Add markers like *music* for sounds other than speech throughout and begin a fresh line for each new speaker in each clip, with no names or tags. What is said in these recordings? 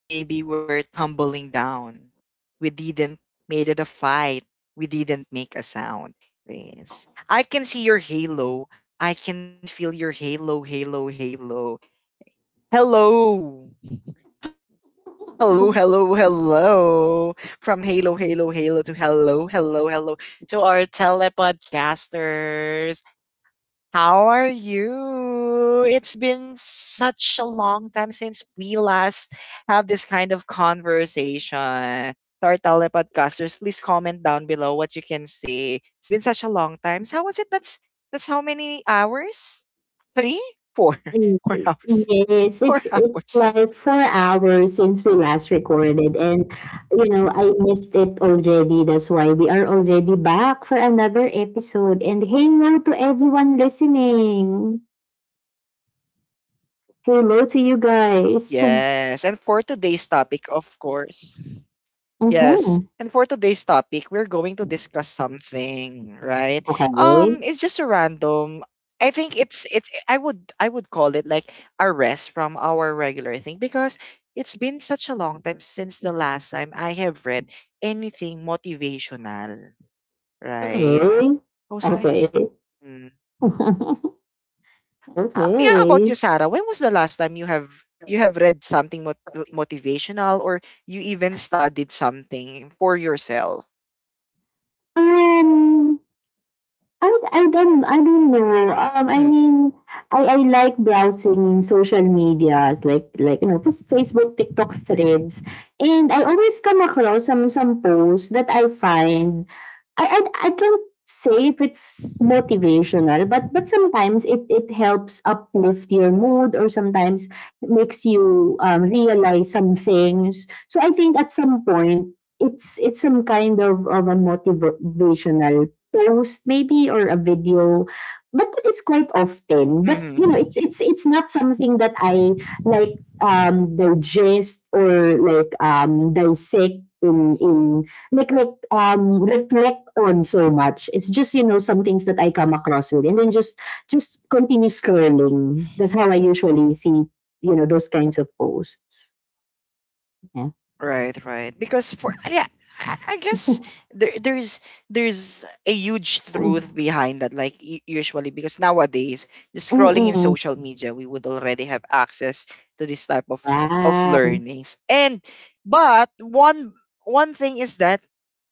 in baby we're tumbling down. We didn't made it a fight. We didn't make a sound. Yes. I can see your halo. I can feel your halo, halo, halo. Hello. Hello, hello, hello. From halo, halo, halo to hello, hello, hello to our telepodcasters. How are you? It's been such a long time since we last had this kind of conversation. To our telepodcasters, please comment down below what you can say. It's been such a long time. So how was it? That's how many hours? Three? Four. *laughs* 4 hours.
Yes,
Four
it's
hours.
like 4 hours since we last recorded, and I missed it already. That's why we are already back for another episode. And hello to everyone listening. Hello to you guys.
Yes. And for today's topic, of course. Yes.
Mm-hmm.
And for today's topic, we're going to discuss something, right?
Okay.
It's just a random. I think it's I would call it like a rest from our regular thing because it's been such a long time since the last time I have read anything motivational, right?
Okay.
I was like,
Okay.
hmm.
*laughs*
Yeah, how about you,
Okay.
Sarah? When was the last time you have read something motivational or you even studied something for yourself?
Um. I don't know. I mean, I like browsing in social media, like just Facebook, TikTok threads, and I always come across some posts that I find. I can't say if it's motivational, but sometimes it helps uplift your mood, or sometimes it makes you realize some things. So I think at some point. It's some kind of a motivational post maybe, or a video, but it's quite often. But
Mm.
it's not something that I like, digest, or like dissect in, like reflect on so much. It's just some things that I come across with, and then just continue scrolling. That's how I usually see, those kinds of posts. Yeah.
Right, right. Because for yeah, I
*laughs*
guess there there's there's a huge truth behind that. Like usually, because nowadays, just scrolling in
Mm-mm.
social media, we would already have access to this type of
Yeah,
learnings. And but one thing is that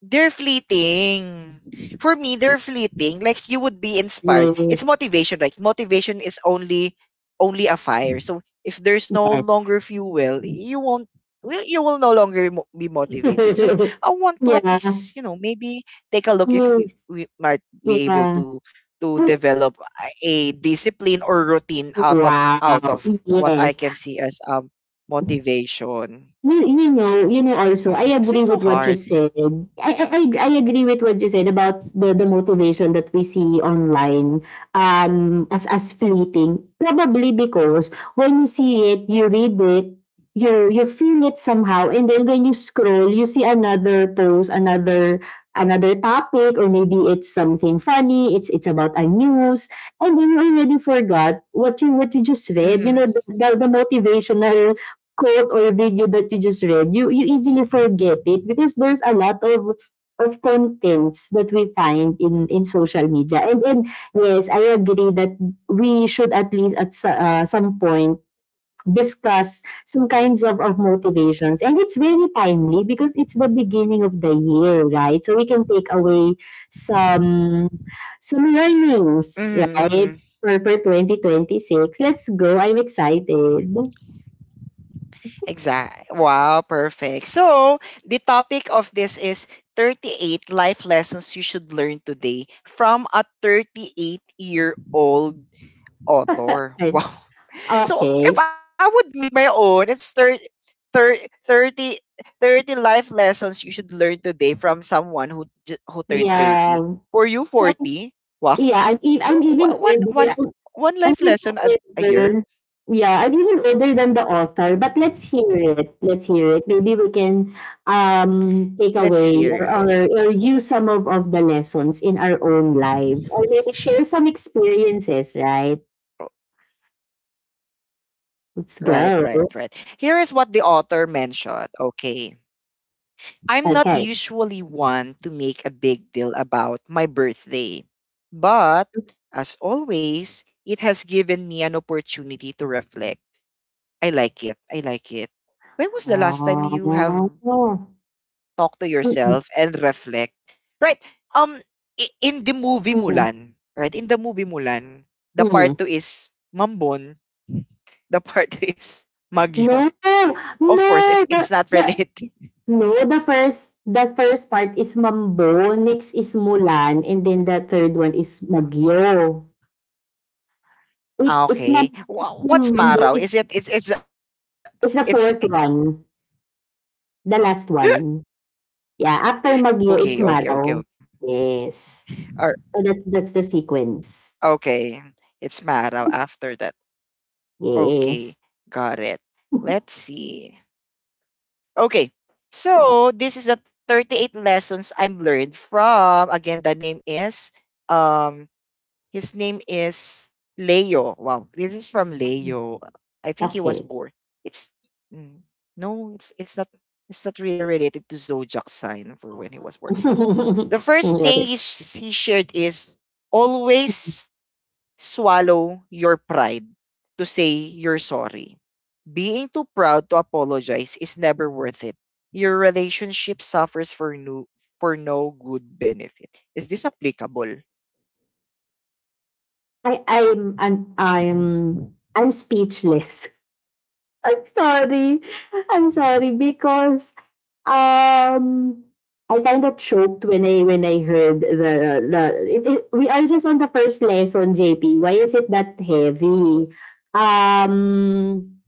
they're fleeting. For me, they're fleeting. Like you would be inspired. It's
yes.
motivation, right? Motivation is only a fire. So if there's no longer
Yes.
fuel, you will no longer be motivated. So
*laughs*
I want to at
Yeah.
least maybe take a look if
Yes,
we might be able
yeah.
to
Hey,
develop a discipline or routine
oh,
out of
wow,
what I
yes.
can see as motivation
You, you know also, I
because it's
agree
so
with what
hard.
you said. I agree with what you said about the motivation that we see online, as fleeting. Probably because when you see it, you read it, you feel it somehow. And then when you scroll, you see another post, another topic, or maybe it's something funny, it's about a news, and then you already forgot what you just
Mm-hmm.
read. The motivational quote or video that you just read, you easily forget it because there's a lot of contents that we find in social media. And yes, I agree that we should at least some point discuss some kinds of motivations, and it's very timely because it's the beginning of the year, right? So we can take away some some learnings, right,
Mm-hmm.
for 2026. Let's go, I'm excited.
Exactly. Wow, perfect. So the topic of this is 38 life lessons you should learn today from a 38-year-old author. *laughs* Wow.
*laughs*
So
Okay.
if I would make my own, it's 30, 30, 30 life lessons you should learn today from someone who who turned
Yeah.
30. For you
So I'm,
40. Wow.
yeah,
So one
I'm
life
even
lesson a year.
older. Yeah, I'm even older than the author, but let's hear it. Let's hear it. Maybe we can take
Let's
away, or,
hear it.
use some of the lessons in our own lives, or maybe share some experiences, right? Let's
Right, right,
go.
right. Here is what the author mentioned. Okay. I'm not
Okay.
usually one to make a big deal about my birthday, but as always, it has given me an opportunity to reflect. I like it. I like it. When was the last time you have
Oh.
talked to
Mm-mm,
yourself and reflect? Right. Um in the movie
mm-mm,
Mulan, right? In the movie Mulan, the part
mm.
2 is Mambon, the *laughs* part 2 is Magyo.
No,
Of
no.
course, it's it's not
The
related. *laughs*
No, the first part is Mambo, next is Mulan, and then the third one is Magyo. It it's Mam
Okay. What's
Mambo
Maraw?
is
Is it It's
It's the fourth one, the last one. Yeah, after
okay,
Magyo,
okay,
it's
okay, okay.
Maraw. Yes.
Or,
So that's the sequence.
okay. It's Maraw after that. Okay.
Yes.
Got it. Let's see. Okay. So this is the 38 lessons I've learned from. Again, the name is um his name is Leo. Wow, this is from Leo. I think he was
Okay.
born. It's mm, no, it's not really related to zodiac sign for when he was born. The
*laughs*
first thing he shared is: always swallow your pride to say you're sorry. Being too proud to apologize is never worth it. Your relationship suffers for no good benefit. Is this applicable?
I I'm I'm I'm I'm speechless. I'm sorry. I'm sorry because um I kind of choked when I heard we are just on the first lesson, JP. Why is it that heavy? Um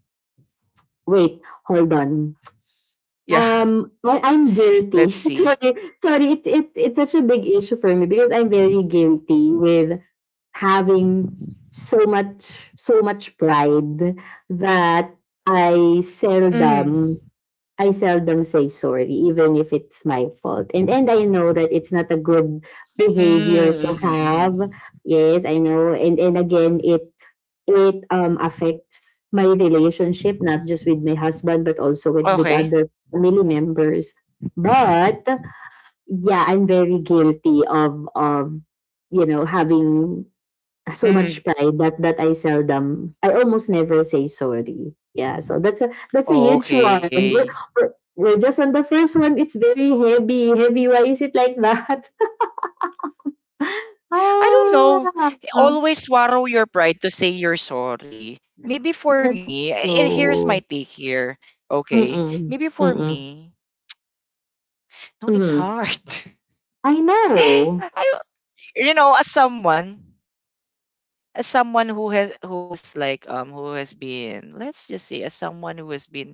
wait, hold on.
Yeah,
Um
*laughs*
I, I'm
let's
guilty. *laughs*
see.
Sorry, sorry, it's such a big issue for me because I'm very guilty with having so much pride that I
Mm-hmm.
seldom I seldom say sorry, even if it's my fault. And I know that it's not a good behavior to
Mm-hmm.
have.
Hmm.
Yes, I know. And again, it affects my relationship, not just with my husband, but also with
Okay.
other family members. But yeah, I'm very guilty of having so
Mm-hmm.
much pride that I almost never say sorry. Yeah, so that's a huge one.
Okay.
We're, we're just on the first one. It's very heavy, heavy. Why is it like that?
I don't know.
*laughs* ah,
Always swallow your pride to say you're sorry. Maybe for
that's
me, here's my
true.
take here. Okay.
Mm-mm,
Maybe for
mm-mm.
me, no, it's
mm
hard.
I know.
*laughs* I, as someone who has like who has been, let's just say, as someone who has been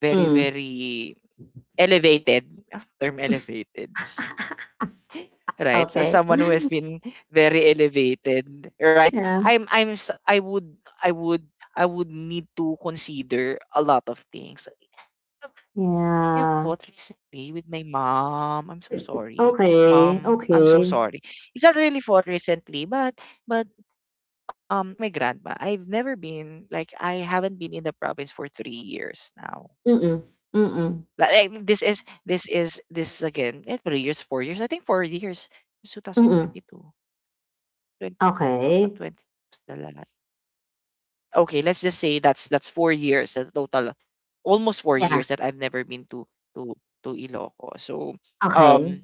very
Mm.
very elevated. *laughs* Term elevated,
*laughs*
right? As
Okay.
someone who has been very elevated, right?
Yeah.
I'm s- I would I would I would need to consider a lot of things. I have
Yeah.
fought recently with my mom. I'm so sorry.
Okay.
Mom, I'm so
Okay.
sorry. It's not really fought recently, but but it's like my grandma. I haven't been in the province for 3 years now.
Mm-mm, mm-mm,
Like this is again, 3 years, 4 years. I think 4 years. It's
mm-mm.
2022. 20,
Okay.
2020 was the last. Okay, let's just say that's 4 years, a total almost four
Yeah.
years that I've never been to to Iloco. So
Okay.
um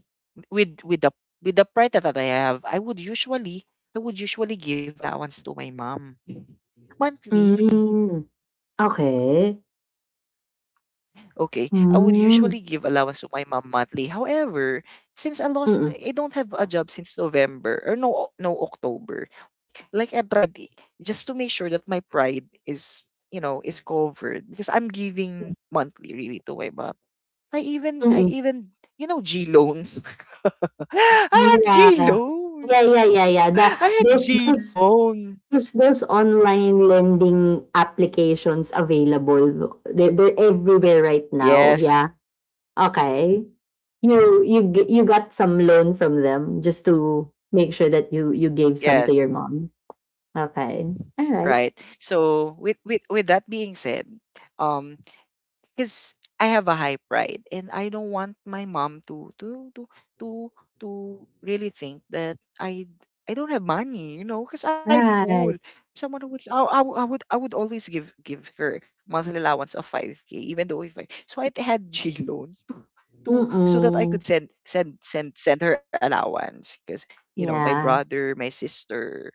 with with the pride that I have, I would usually give allowance to my mom monthly.
Hm, okay.
Okay, I would
Mhm.
usually give allowance to my mom monthly. However, since I lost,
Mm,
I don't have a job since November or no, no October. Like I tried just to make sure that my pride is covered because I'm giving monthly really to my mom. I
mm.
even, G loans. *laughs* I had
Yeah.
G
Yeah,
loan.
yeah, yeah, yeah.
I had
There's
G
those
loan.
there's those online lending applications available. They're everywhere right now.
Yes,
Yeah. Okay. You got some loan from them just to make sure that you gave some to your
yes,
mom. Okay. All right.
right. So with that being said, um because I have a high pride and I don't want my mom to to really think that I don't have money, because I'm
Right.
prideful. Someone who would I would always give her monthly allowance of 5K, even though if I so I had J loan to so that I
Mm-mm.
could send her allowance because my
Yeah.
brother, my sister,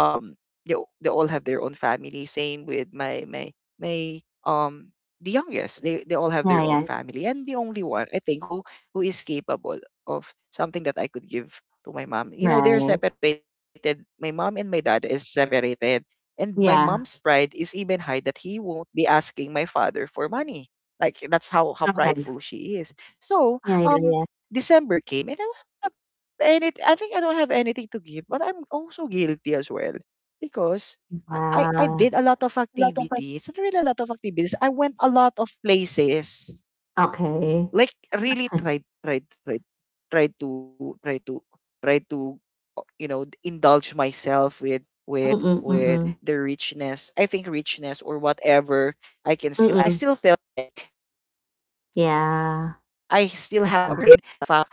they all have their own family. Same with my my my um the youngest. They all have
Yeah,
their own
yeah.
family, and the only one I think who is capable of something that I could give to my mom. You know, they're
Right.
separated. My mom and my dad is separated. And my
Yeah.
mom's pride is even high that he won't be asking my father for money. Like that's how
Okay.
prideful she is.
Yeah, yeah,
So
yeah.
December came and I don't have any. I think I don't have anything to give, but I'm also guilty as well because I
Yeah.
did a lot of
Wala tong pan
activities. Not really a lot of activities. I went a lot of places
Okey.
like really
*laughs*
tried to try to indulge myself with
Mm,
with
mm.
the richness. I think richness or whatever. I
Mm.
still felt like I
*laughs*
still have a
Yeah.
job wherein a
Ah,
fact,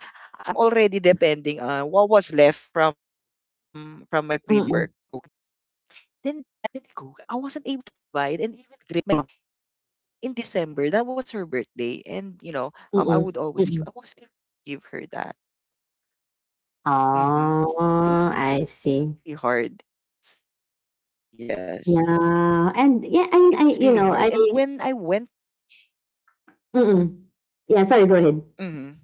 I'm already depending on what was left from my previous work.
mm, mm,
Okay, then go, I wasn't able to provide and even greet my mom in December. That was her birthday, and
mm.
I would
Mm.
always give. I was gonna give her that. Mm-hmm.
Oh,
It,
I see.
it's really hard. Yes,
Yeah, and yeah, and I
it was
you
really
know, I
hard. And when I went,
mm. Yeah, sorry, go ahead.
mm-hmm.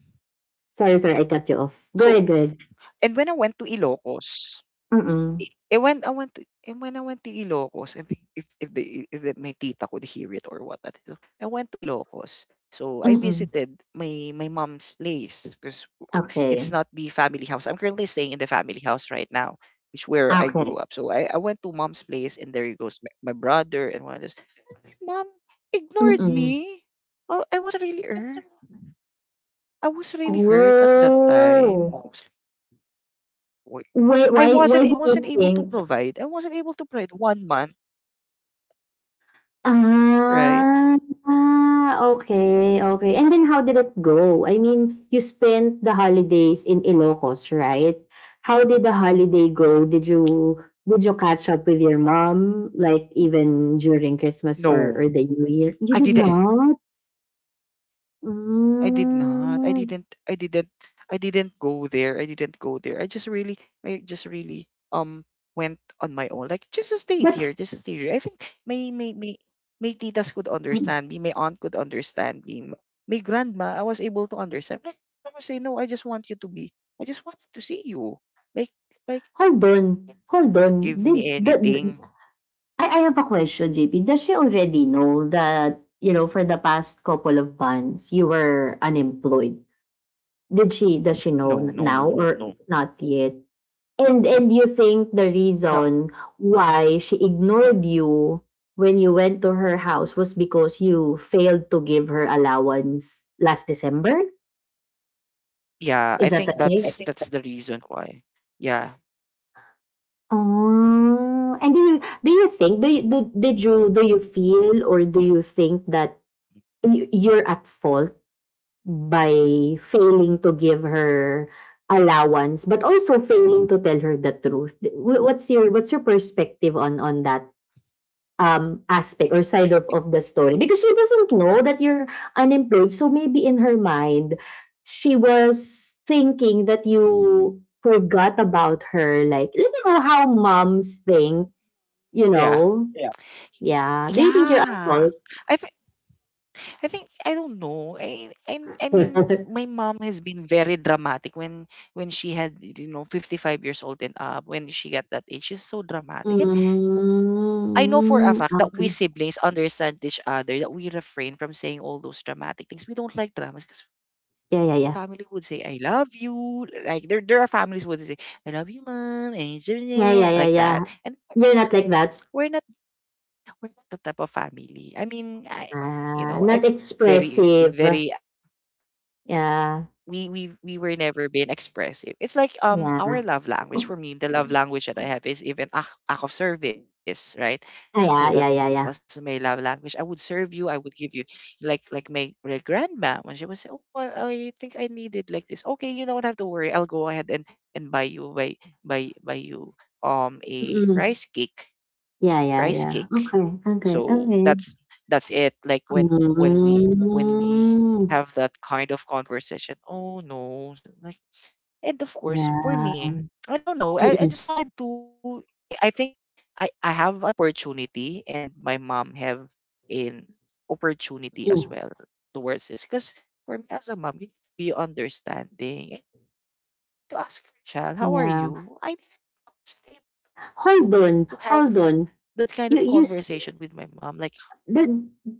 Sorry, sorry, I cut you off. Go
so
ahead, go ahead.
and when I went to Ilocos,
Mm,
I I went to and when I went to Ilocos, I think if the, my tita could hear it or what, so I went to Ilocos. So I
mm.
visited my mom's place because it's
Okey.
not the family house. I'm currently staying in the family house right now, which where I
Okay.
grew
Okay.
up. So I went to mom's place, and there he goes my brother and one of this. Mom ignored
Mm.
me. Oh, I was really hurt. I was really hurt at that time. I
Oh.
was Wait, I wasn't able.
Why
I
why
wasn't
why do
able to
you think?
provide. I wasn't able to provide one month, right?
Ah, okay, okay. And then how did it go? I mean, you spent the holidays in Ilocos, right? How did the holiday go? Did you catch up with your mom, like, even during Christmas
No,
or the New Year?
I
You did
didn't.
not?
I did not. I
Hmm.
didn't. I didn't. I didn't go there. I didn't go there. I just really. I just really. Um, Went on my own. Like just stayed
But
here. Just stayed here. I think my my my my titas could understand me. My aunt could understand me. My grandma. I was able to understand. Like I was say no. I just want you to be. I just wanted to see you. Like like
hold on, hold on.
give
Did
me
the
anything.
I have a question, JP. Does she already know that, for the past couple of months you were unemployed? Did she Does she know
No no
now
no no
or
no
not yet? And you think the
no.
reason why she ignored you when you went to her house was because you failed to give her allowance last December?
Yeah.
Is
I
that the
think
case?
that's the reason why. Yeah.
Oh, and do you think do you do, did you do you feel, or do you think that you're at fault by failing to give her allowance, but also failing to tell her the truth? What's your perspective on that aspect or side of the story? Because she doesn't know that you're unemployed, so maybe in her mind she was thinking that you forgot about her. Like, you know how moms think, you
Yeah.
know? Yeah. Do you think you're at
Yeah.
fault?
I think I think I don't know. I
*laughs*
mean
Mm,
my mom has been very dramatic when she had, 55 years old and up. When she got that age, she's so dramatic, and I know for a fact that we
okay.
siblings understand each other that we refrain from saying all those dramatic things. We don't like dramas because
Yeah, yeah, yeah.
family would say I love you, like there are families would say I love you mom and *laughs* it's your
Yeah, yeah, yeah,
like
yeah.
that, and
You're not like that?
we're not we're not the type of family. I mean I you
Ah,
know
not
I very
expressive.
very
Yeah,
we were never being expressive. It's like
yeah.
our love language, for me, the love language that I have is even act of service, right?
Ah,
So
yeah,
that
yeah, yeah,
was
yeah.
my love language. I would serve you. I would give you like my grandma when she was oh I think I needed like this. Okay, you don't have to worry. I'll go ahead and buy you buy you a
Mm. Yeah, yeah,
rice
yeah.
cake
Okay, okay,
so
okay.
that's it like when we
Hmm.
have that kind of conversation oh no so, like and of course for me
Yeah.
I don't know I
Mm,
just wanted to I think I have an opportunity and my mom have an opportunity as
mm.
well towards this because for me as a mom you need to be understanding and to ask your child how are
Yeah.
you I wasn't able to
Hold on,
have
hold on.
that kind of
You s
conversation with my mom like
but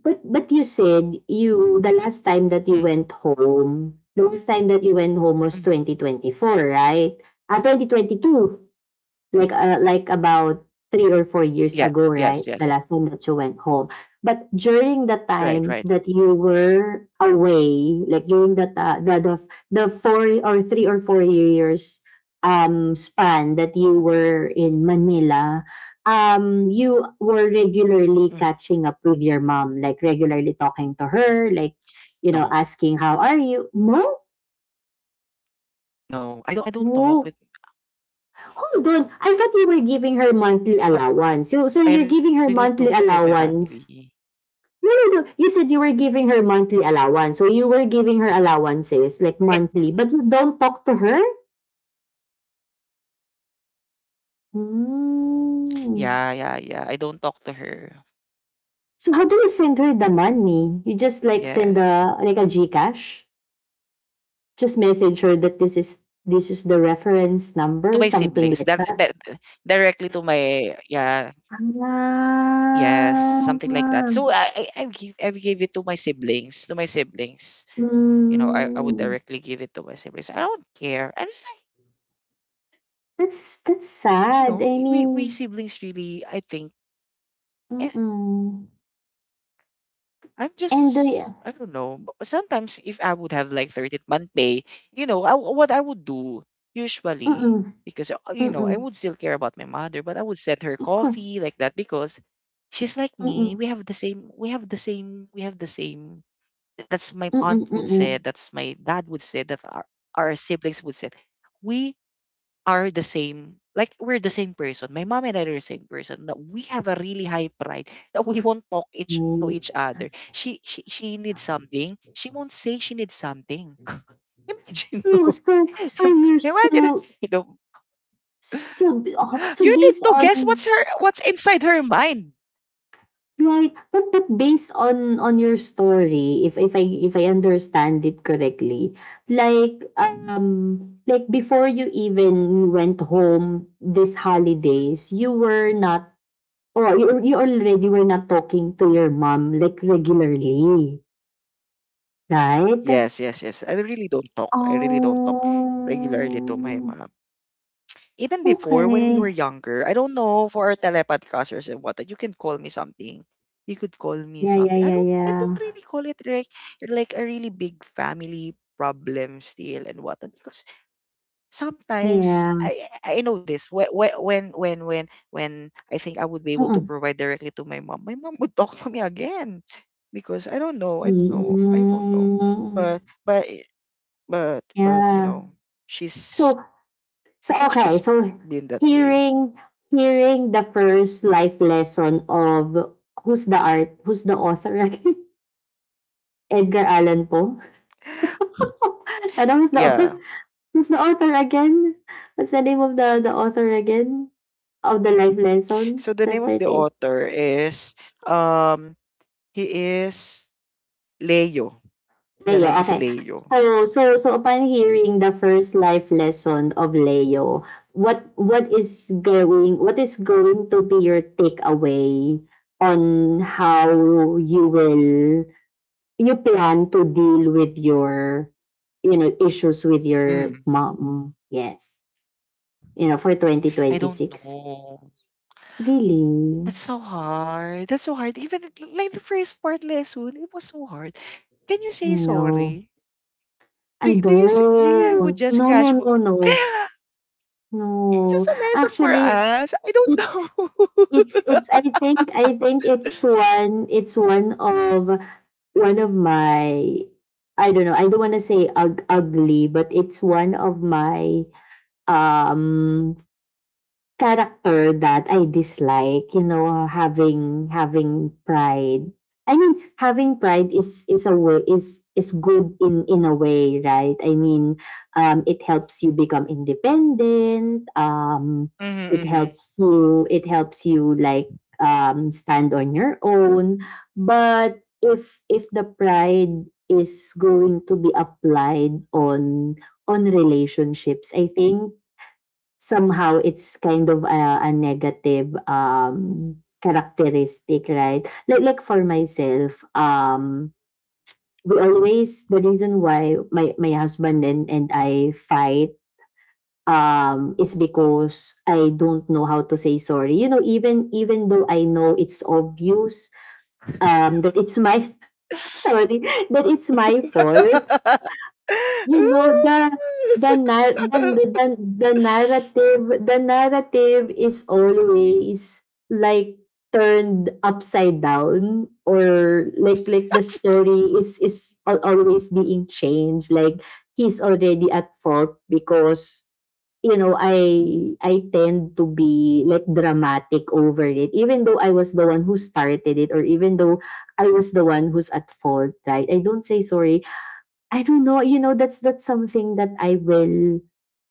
but you said you the last time that you went home was
mm,
2024, right? Ah, 2022. Like about 3 or 4 years
yeah.
ago, right?
Yes,
The last
yes.
time that you went home. But during the times
Right,
that
right.
you were away, like during the ta- the 4 or 3 or 4 years span that you were in Manila, you were regularly catching
Mhm.
up with your mom, like regularly talking to her, like
No,
asking how are you? No,
no. I don't talk with
no. Hold on. I thought you were giving
I,
her monthly
I
allowance.
really
So,
don't
so
talk
you're
with my
giving her monthly
family.
allowance. No, no, no. You said you were giving her monthly allowance. So you were giving her
Eh,
allowances, like monthly. But you don't talk to her?
yeah, yeah, yeah. I
Hmm.
don't talk to her.
So how do you send her the money? You just,
Yes.
like, send a like a Gcash? Just message her that this is the
To my
reference number,
siblings. That
something
that
like that.
directly to my yeah,
Ah.
yes, something like that. So
Ah.
I give I gave it to my siblings, to my siblings. You know, I would
Hmm.
directly give it to my siblings. I don't care. I just like,
That's
you
sad.
know,
I
we
mean,
siblings really I think eh,
mm-mm.
I'm
And
just
the
I don't know. Sometimes if I would have like 13th month pay, you know, what I would do usually
Mm-mm,
because you know, I
mm-mm.
would still care about my mother, but I would send her
Of course.
coffee like that because she's like me.
Mm-mm,
We have the same we have the same we have the same that's my aunt
mm-mm,
would say,
mm-mm.
that's my dad would say, that our siblings would say. We are the same like we're the same person. My mom and I are the same person. That we have a really high pride *laughs* that we won't talk each to
No.
each other. She needs something. She won't say she needs something. *laughs* Imagine mo.
So
*laughs* Im-
you're,
Imagine if, you know,
so so,
you need
based
to guess what's
on.
her what's inside her mind.
Right. But based on your story, if I understand it correctly, like before you even went home this holidays, you were not, or you already were not talking to your mom, like, regularly, right?
Yes, yes, yes. I really don't talk. I really don't talk
Oh.
regularly to my mom. Even before when we were
Okay.
younger, I don't know for our telepodcasters and what you can call me something. You could call me
Yeah, yeah,
something.
yeah,
I don't
yeah.
really call it like a really big family problem still and what because sometimes
Yeah.
I know this when when I think I would be able to
Mm.
provide directly to my mom would talk to me again because I don't know
Mm.
but but you
Yeah.
know she's
So, So,
I think
okay,
she's
so
been that way.
hearing hearing the first life lesson of, who's the author again? *laughs* Edgar Allan Poe. *laughs* ano
Yeah.
who's the author again? What's the name of the author again of the life lesson?
So the
The
name of the
38.
author is um he is Leo. The
Leo,
name is
okay.
Leo.
So upon hearing the first life lesson of Leo, what is going to be your takeaway on how you will you plan to deal with your, issues with your
Mm.
mom? Yes. For twenty
I
twenty
don't
six.
know.
Really?
That's so hard. That's so hard. Even like the first part lesson, it was so hard. Can you
You
say
know,
sorry?
I
Do you do you would
don't.
just
No, no,
casual?
no, no.
*laughs* It's
No.
just *gasps* a lesson for
Actually,
us. I
it's
don't know. *laughs*
it's I think it's one of my — I don't know, I don't wanna say ugly, but it's one of my um character that I dislike, having pride. I mean, having pride is a way is good in a way, right? I mean, it helps you become independent. It
Mm-hmm.
helps you, like stand on your own. But if the pride is going to be applied on relationships, I think somehow it's kind of a negative characteristic, right? Like for myself, we always the reason why my husband and I fight is because I don't know how to say sorry, you know, even though I know it's obvious that it's my *laughs* sorry that it's my fault. You know the the
*laughs*
nar- the, the narrative, the narrative is always like turned upside down, or like the story is always being changed. Like he's already at fault because, you know, I tend to be like dramatic over it even though I was the one who started it, or even though I was the one who's at fault, right? I don't say sorry. I don't know, you know, that's something that I will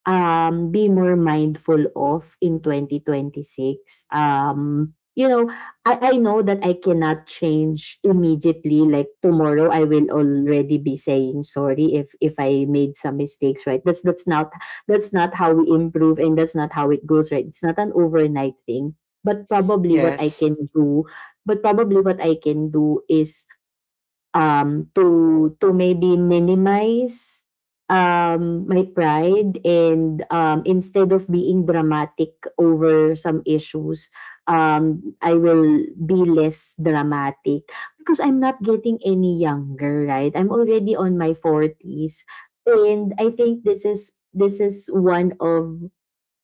be more mindful of in 2026. You know, I know that I cannot change immediately. Like tomorrow I will already be saying sorry if I made some mistakes, right? That's not that's not how we improve, and that's not how it goes, right? It's not an overnight thing. But probably what I
Yes.
can do, but probably what I can do is to maybe minimize my pride, and instead of being dramatic over some issues, I will be less dramatic because I'm not getting any younger, right? I'm already on my forties. And I think this is one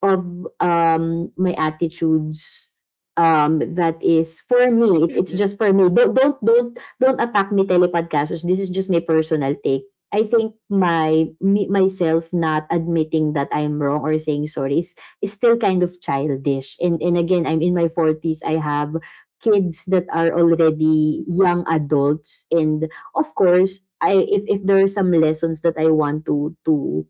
of my attitudes, that is, for me, it's just for me. Don't attack me, telepodcasters, this is just my personal take. I think my me, myself not admitting that I'm wrong or saying sorry is still kind of childish. And again, I'm in my forties. I have kids that are already young adults, and of course I if there are some lessons that I want to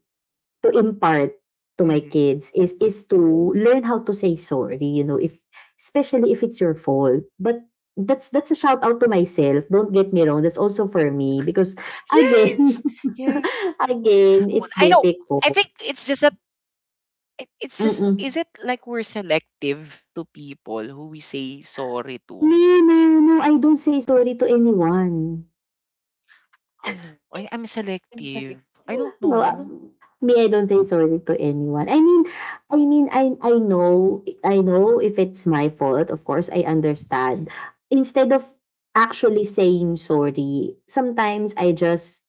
to impart to my
*laughs*
kids is to learn how to say sorry, you know, if especially if it's your fault. But that's a shout out to myself. Don't get me wrong. That's also for me because again,
Yes, yes.
*laughs* again, it's
I know. I
difficult.
think it's just that it's just is
Mm-mm.
it like we're selective to people who we say sorry to?
No, no, no. I don't say sorry to anyone.
Oh no, I'm selective. I don't
No,
know.
me, I don't think it's related to anyone. I mean, I mean, I know, I know if it's my fault. Of course, I understand. Instead of actually saying sorry, sometimes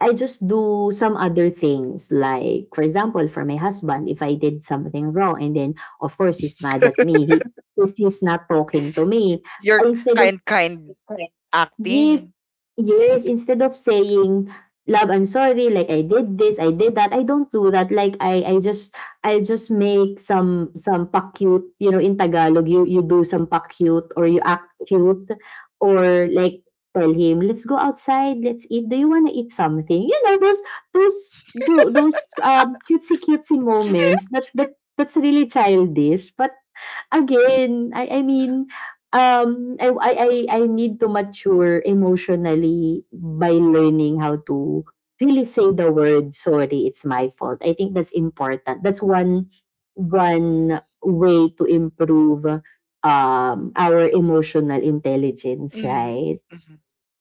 I just do some other things. Like, for example, for my husband, if I did something wrong, and then of course he's mad at me. He's not talking to
*laughs*
me.
You're
Instead of
kind
yeah,
acting.
yes, instead of saying, "Love, I'm sorry, like I did this, I did that," I don't do that. Like I just I just make some pa-cute, you know, in Tagalog, you do some pa-cute or you act cute, or like tell him, "Let's go outside, let's eat. Do you want to eat something?" You know, those those cutesy cutesy moments. That's really childish, but again, I mean, I I need to mature emotionally by learning how to really say the word sorry. It's my fault. I think that's important. That's one way to improve our emotional intelligence,
Mhm,
right?
mhm.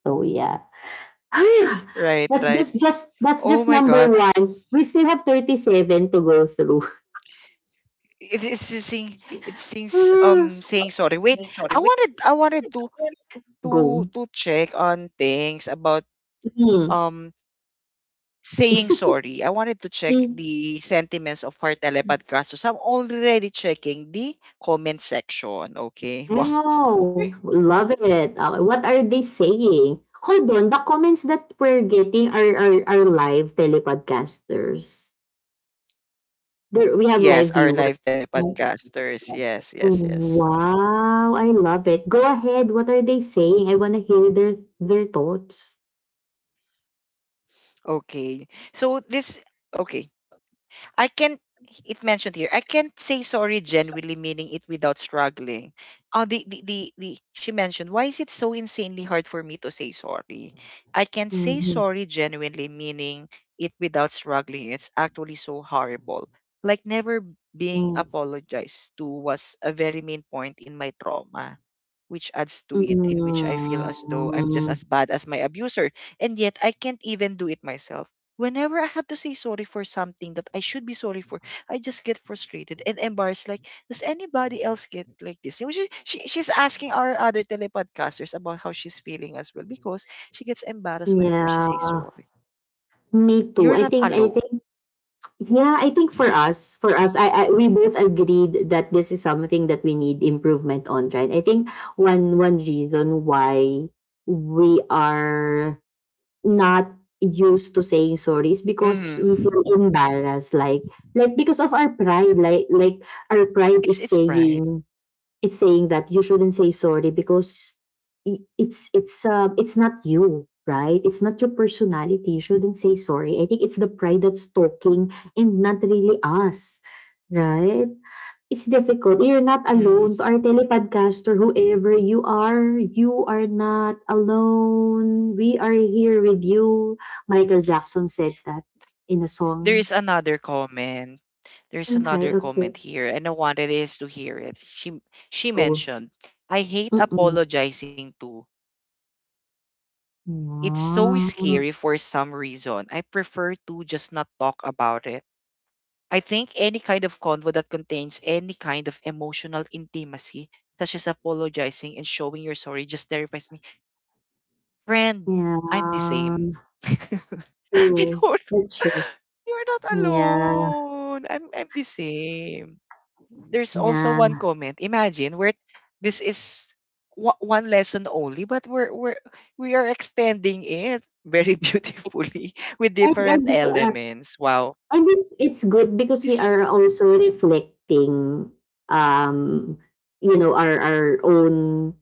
So yeah. *sighs*
Right,
That's
right.
this just that's
Oh
just
my
number
God.
one. We still have 37 to go through.
It is saying it seems saying sorry. Wait, I wanted to
*laughs* Go.
to check on things about
Mm.
um saying sorry. I wanted to check
Mm.
the sentiments of our telepodcast. So I'm already checking the comment section. Okay. *laughs* Wow.
Oh, love it. What are they saying? Hold on, the comments that we're getting are are live telepodcasters. There, we have live
Yes, our
viewers.
live telepodcasters. Yes, yes, yes.
Wow, I love it. Go ahead. What are they saying? I want to hear their thoughts.
Okay. So this okay. I can't it mentioned here, I can't say sorry genuinely meaning it without struggling. Oh, the she mentioned, why is it so insanely hard for me to say sorry? I can't say
Mhm.
sorry genuinely meaning it without struggling. It's actually so horrible. Like never being
Mm.
apologized to was a very main point in my trauma, which adds to it, in which I feel as though I'm just as bad as my abuser. And yet I can't even do it myself. Whenever I have to say sorry for something that I should be sorry for, I just get frustrated and embarrassed. Like, does anybody else get like this? She's asking our other telepodcasters about how she's feeling as well because she gets embarrassed whenever she
Yeah,
says sorry.
me too.
You're
I
not
think I
alone.
think yeah, I think
*laughs* You're,
for us, I we both agreed that this is something that we need improvement on, right? I think one reason why we are not used to saying sorry is because we feel
mm,
embarrassed, like because of our pride, like our pride is
it's pride.
saying it's saying that you shouldn't say sorry because it's not you, right? it's not your personality, you shouldn't say sorry. I think it's the pride that's talking and not really us, right? it's difficult. You're not
Mm-hmm.
alone. To our telepodcaster, whoever you are, you are not alone, we are here with you. Michael jackson said that in a
There is
song.
another comment. There's
okay,
another
okay,
comment here, and I wanted us to hear it. She
cool.
mentioned, "I hate
Mm-mm.
apologizing too. It's so scary for some reason. I
Wow.
prefer to just not talk about it. I think any kind of convo that contains any kind of emotional intimacy, such as apologizing and showing you're sorry, just terrifies me. Friend, I'm the same." *laughs*
Yeah.
I don't
True. That's
*laughs* You're
true.
not alone.
Yeah.
I'm the same. There's also one
Yeah.
comment. Imagine we're this is one lesson only, but we're we are extending it very *laughs* beautifully with
And
different
we are,
elements. Wow.
and it's good because we
This
are also reflecting um you know, our own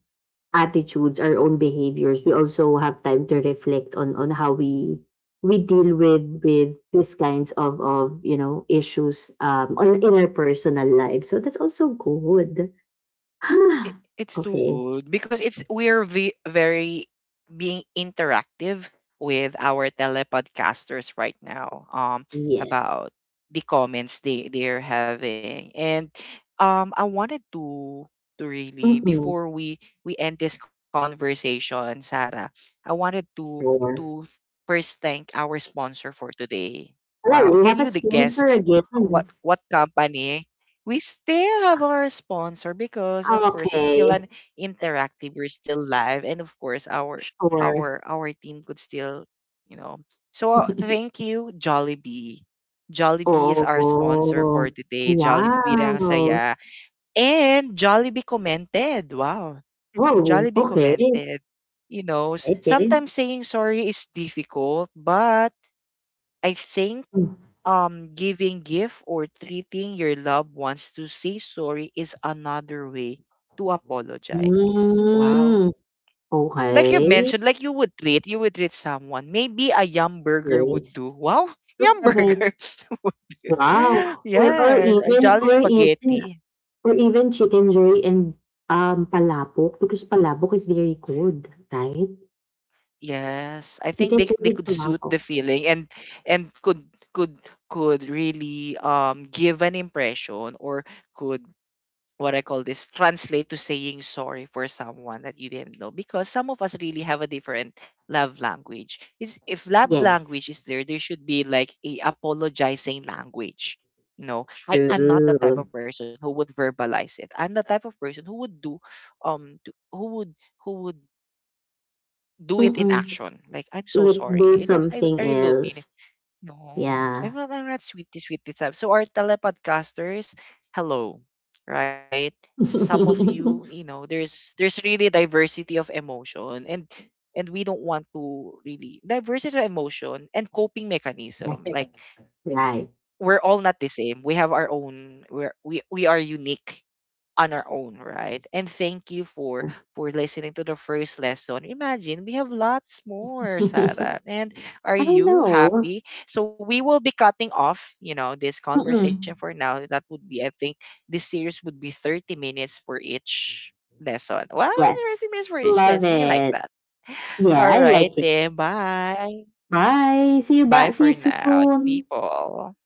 attitudes, our own behaviors. We also have time to reflect on how we deal with these kinds of, you know, issues, on in our personal lives. So that's also good. *sighs*
It's too
okay.
good because it's we're very being interactive with our telepodcasters right now
Yes.
about the comments they're having and I wanted to really
Mm-mm.
before we end this conversation, Sarah. I wanted to to
Sure.
first thank our sponsor for today. Wow,
Oh,
can
what
you
a
the guess
sponsor again.
what company, we still have our sponsor because of course it's still
okay,
an interactive, we're still live, and of course
sure.
our team could still, you know. So
*laughs*
thank you, Jollibee. Jollibee is our sponsor
oh,
for today. Jollibee Birang
wow!
Saya. And Jollibee commented. Wow.
oh,
Jollibee
okay,
commented. You know,
okay.
sometimes saying sorry is difficult, but I think
Hmm.
giving gift or treating your loved ones to say sorry is another way to apologize. Wow.
Hmm,
Like you
okey,
mentioned, like you would treat someone. Maybe a yum burger would
yes.
do. Wow, yum
Love it.
burger. *laughs*
Wow, or or
Yes, a
even
jolly
or even
spaghetti.
or even chicken joy and, palabok, because palabok is very good, right?
Yes, I think
Chicken joy
they
with
could suit
palabok.
the feeling and could could could really give an impression or could what I call this translate to saying sorry for someone that you didn't know because some of us really have a different love language. It's, if love
Yes,
language is there, there should be like a apologizing language. You know, I am not the type
true.
of person who would verbalize it. I'm the type of person who would do, um, to- who would who would do it in
Mm.
action. Like I'm so
Like do
sorry. I don't.
something
I really don't
else.
mean it. No,
Yeah.
I'm not sweetie, sweetie type. So our telepodcasters, hello, right? Some of
*laughs*
you, you know, there's really diversity of emotion, and we don't want to really diversity of emotion and coping mechanism.
yeah,
Like
right. *laughs*
we're all not the same. We have our own. We we are unique on our own, right? And thank you for listening to the first lesson. Imagine we have lots more, Sarah. And are
I don't
you
know.
happy? So we will be cutting off, you know, this conversation
Mm-mm.
for now. That would be, I think, this series would be 30 minutes for each lesson. Well,
Yes.
30 minutes for each
Love
lesson. You like
it.
that. *laughs*
Yeah,
All
I
right,
like it.
then. Bye.
Bye. See you
Bye
back. See you
for now,
soon.
people.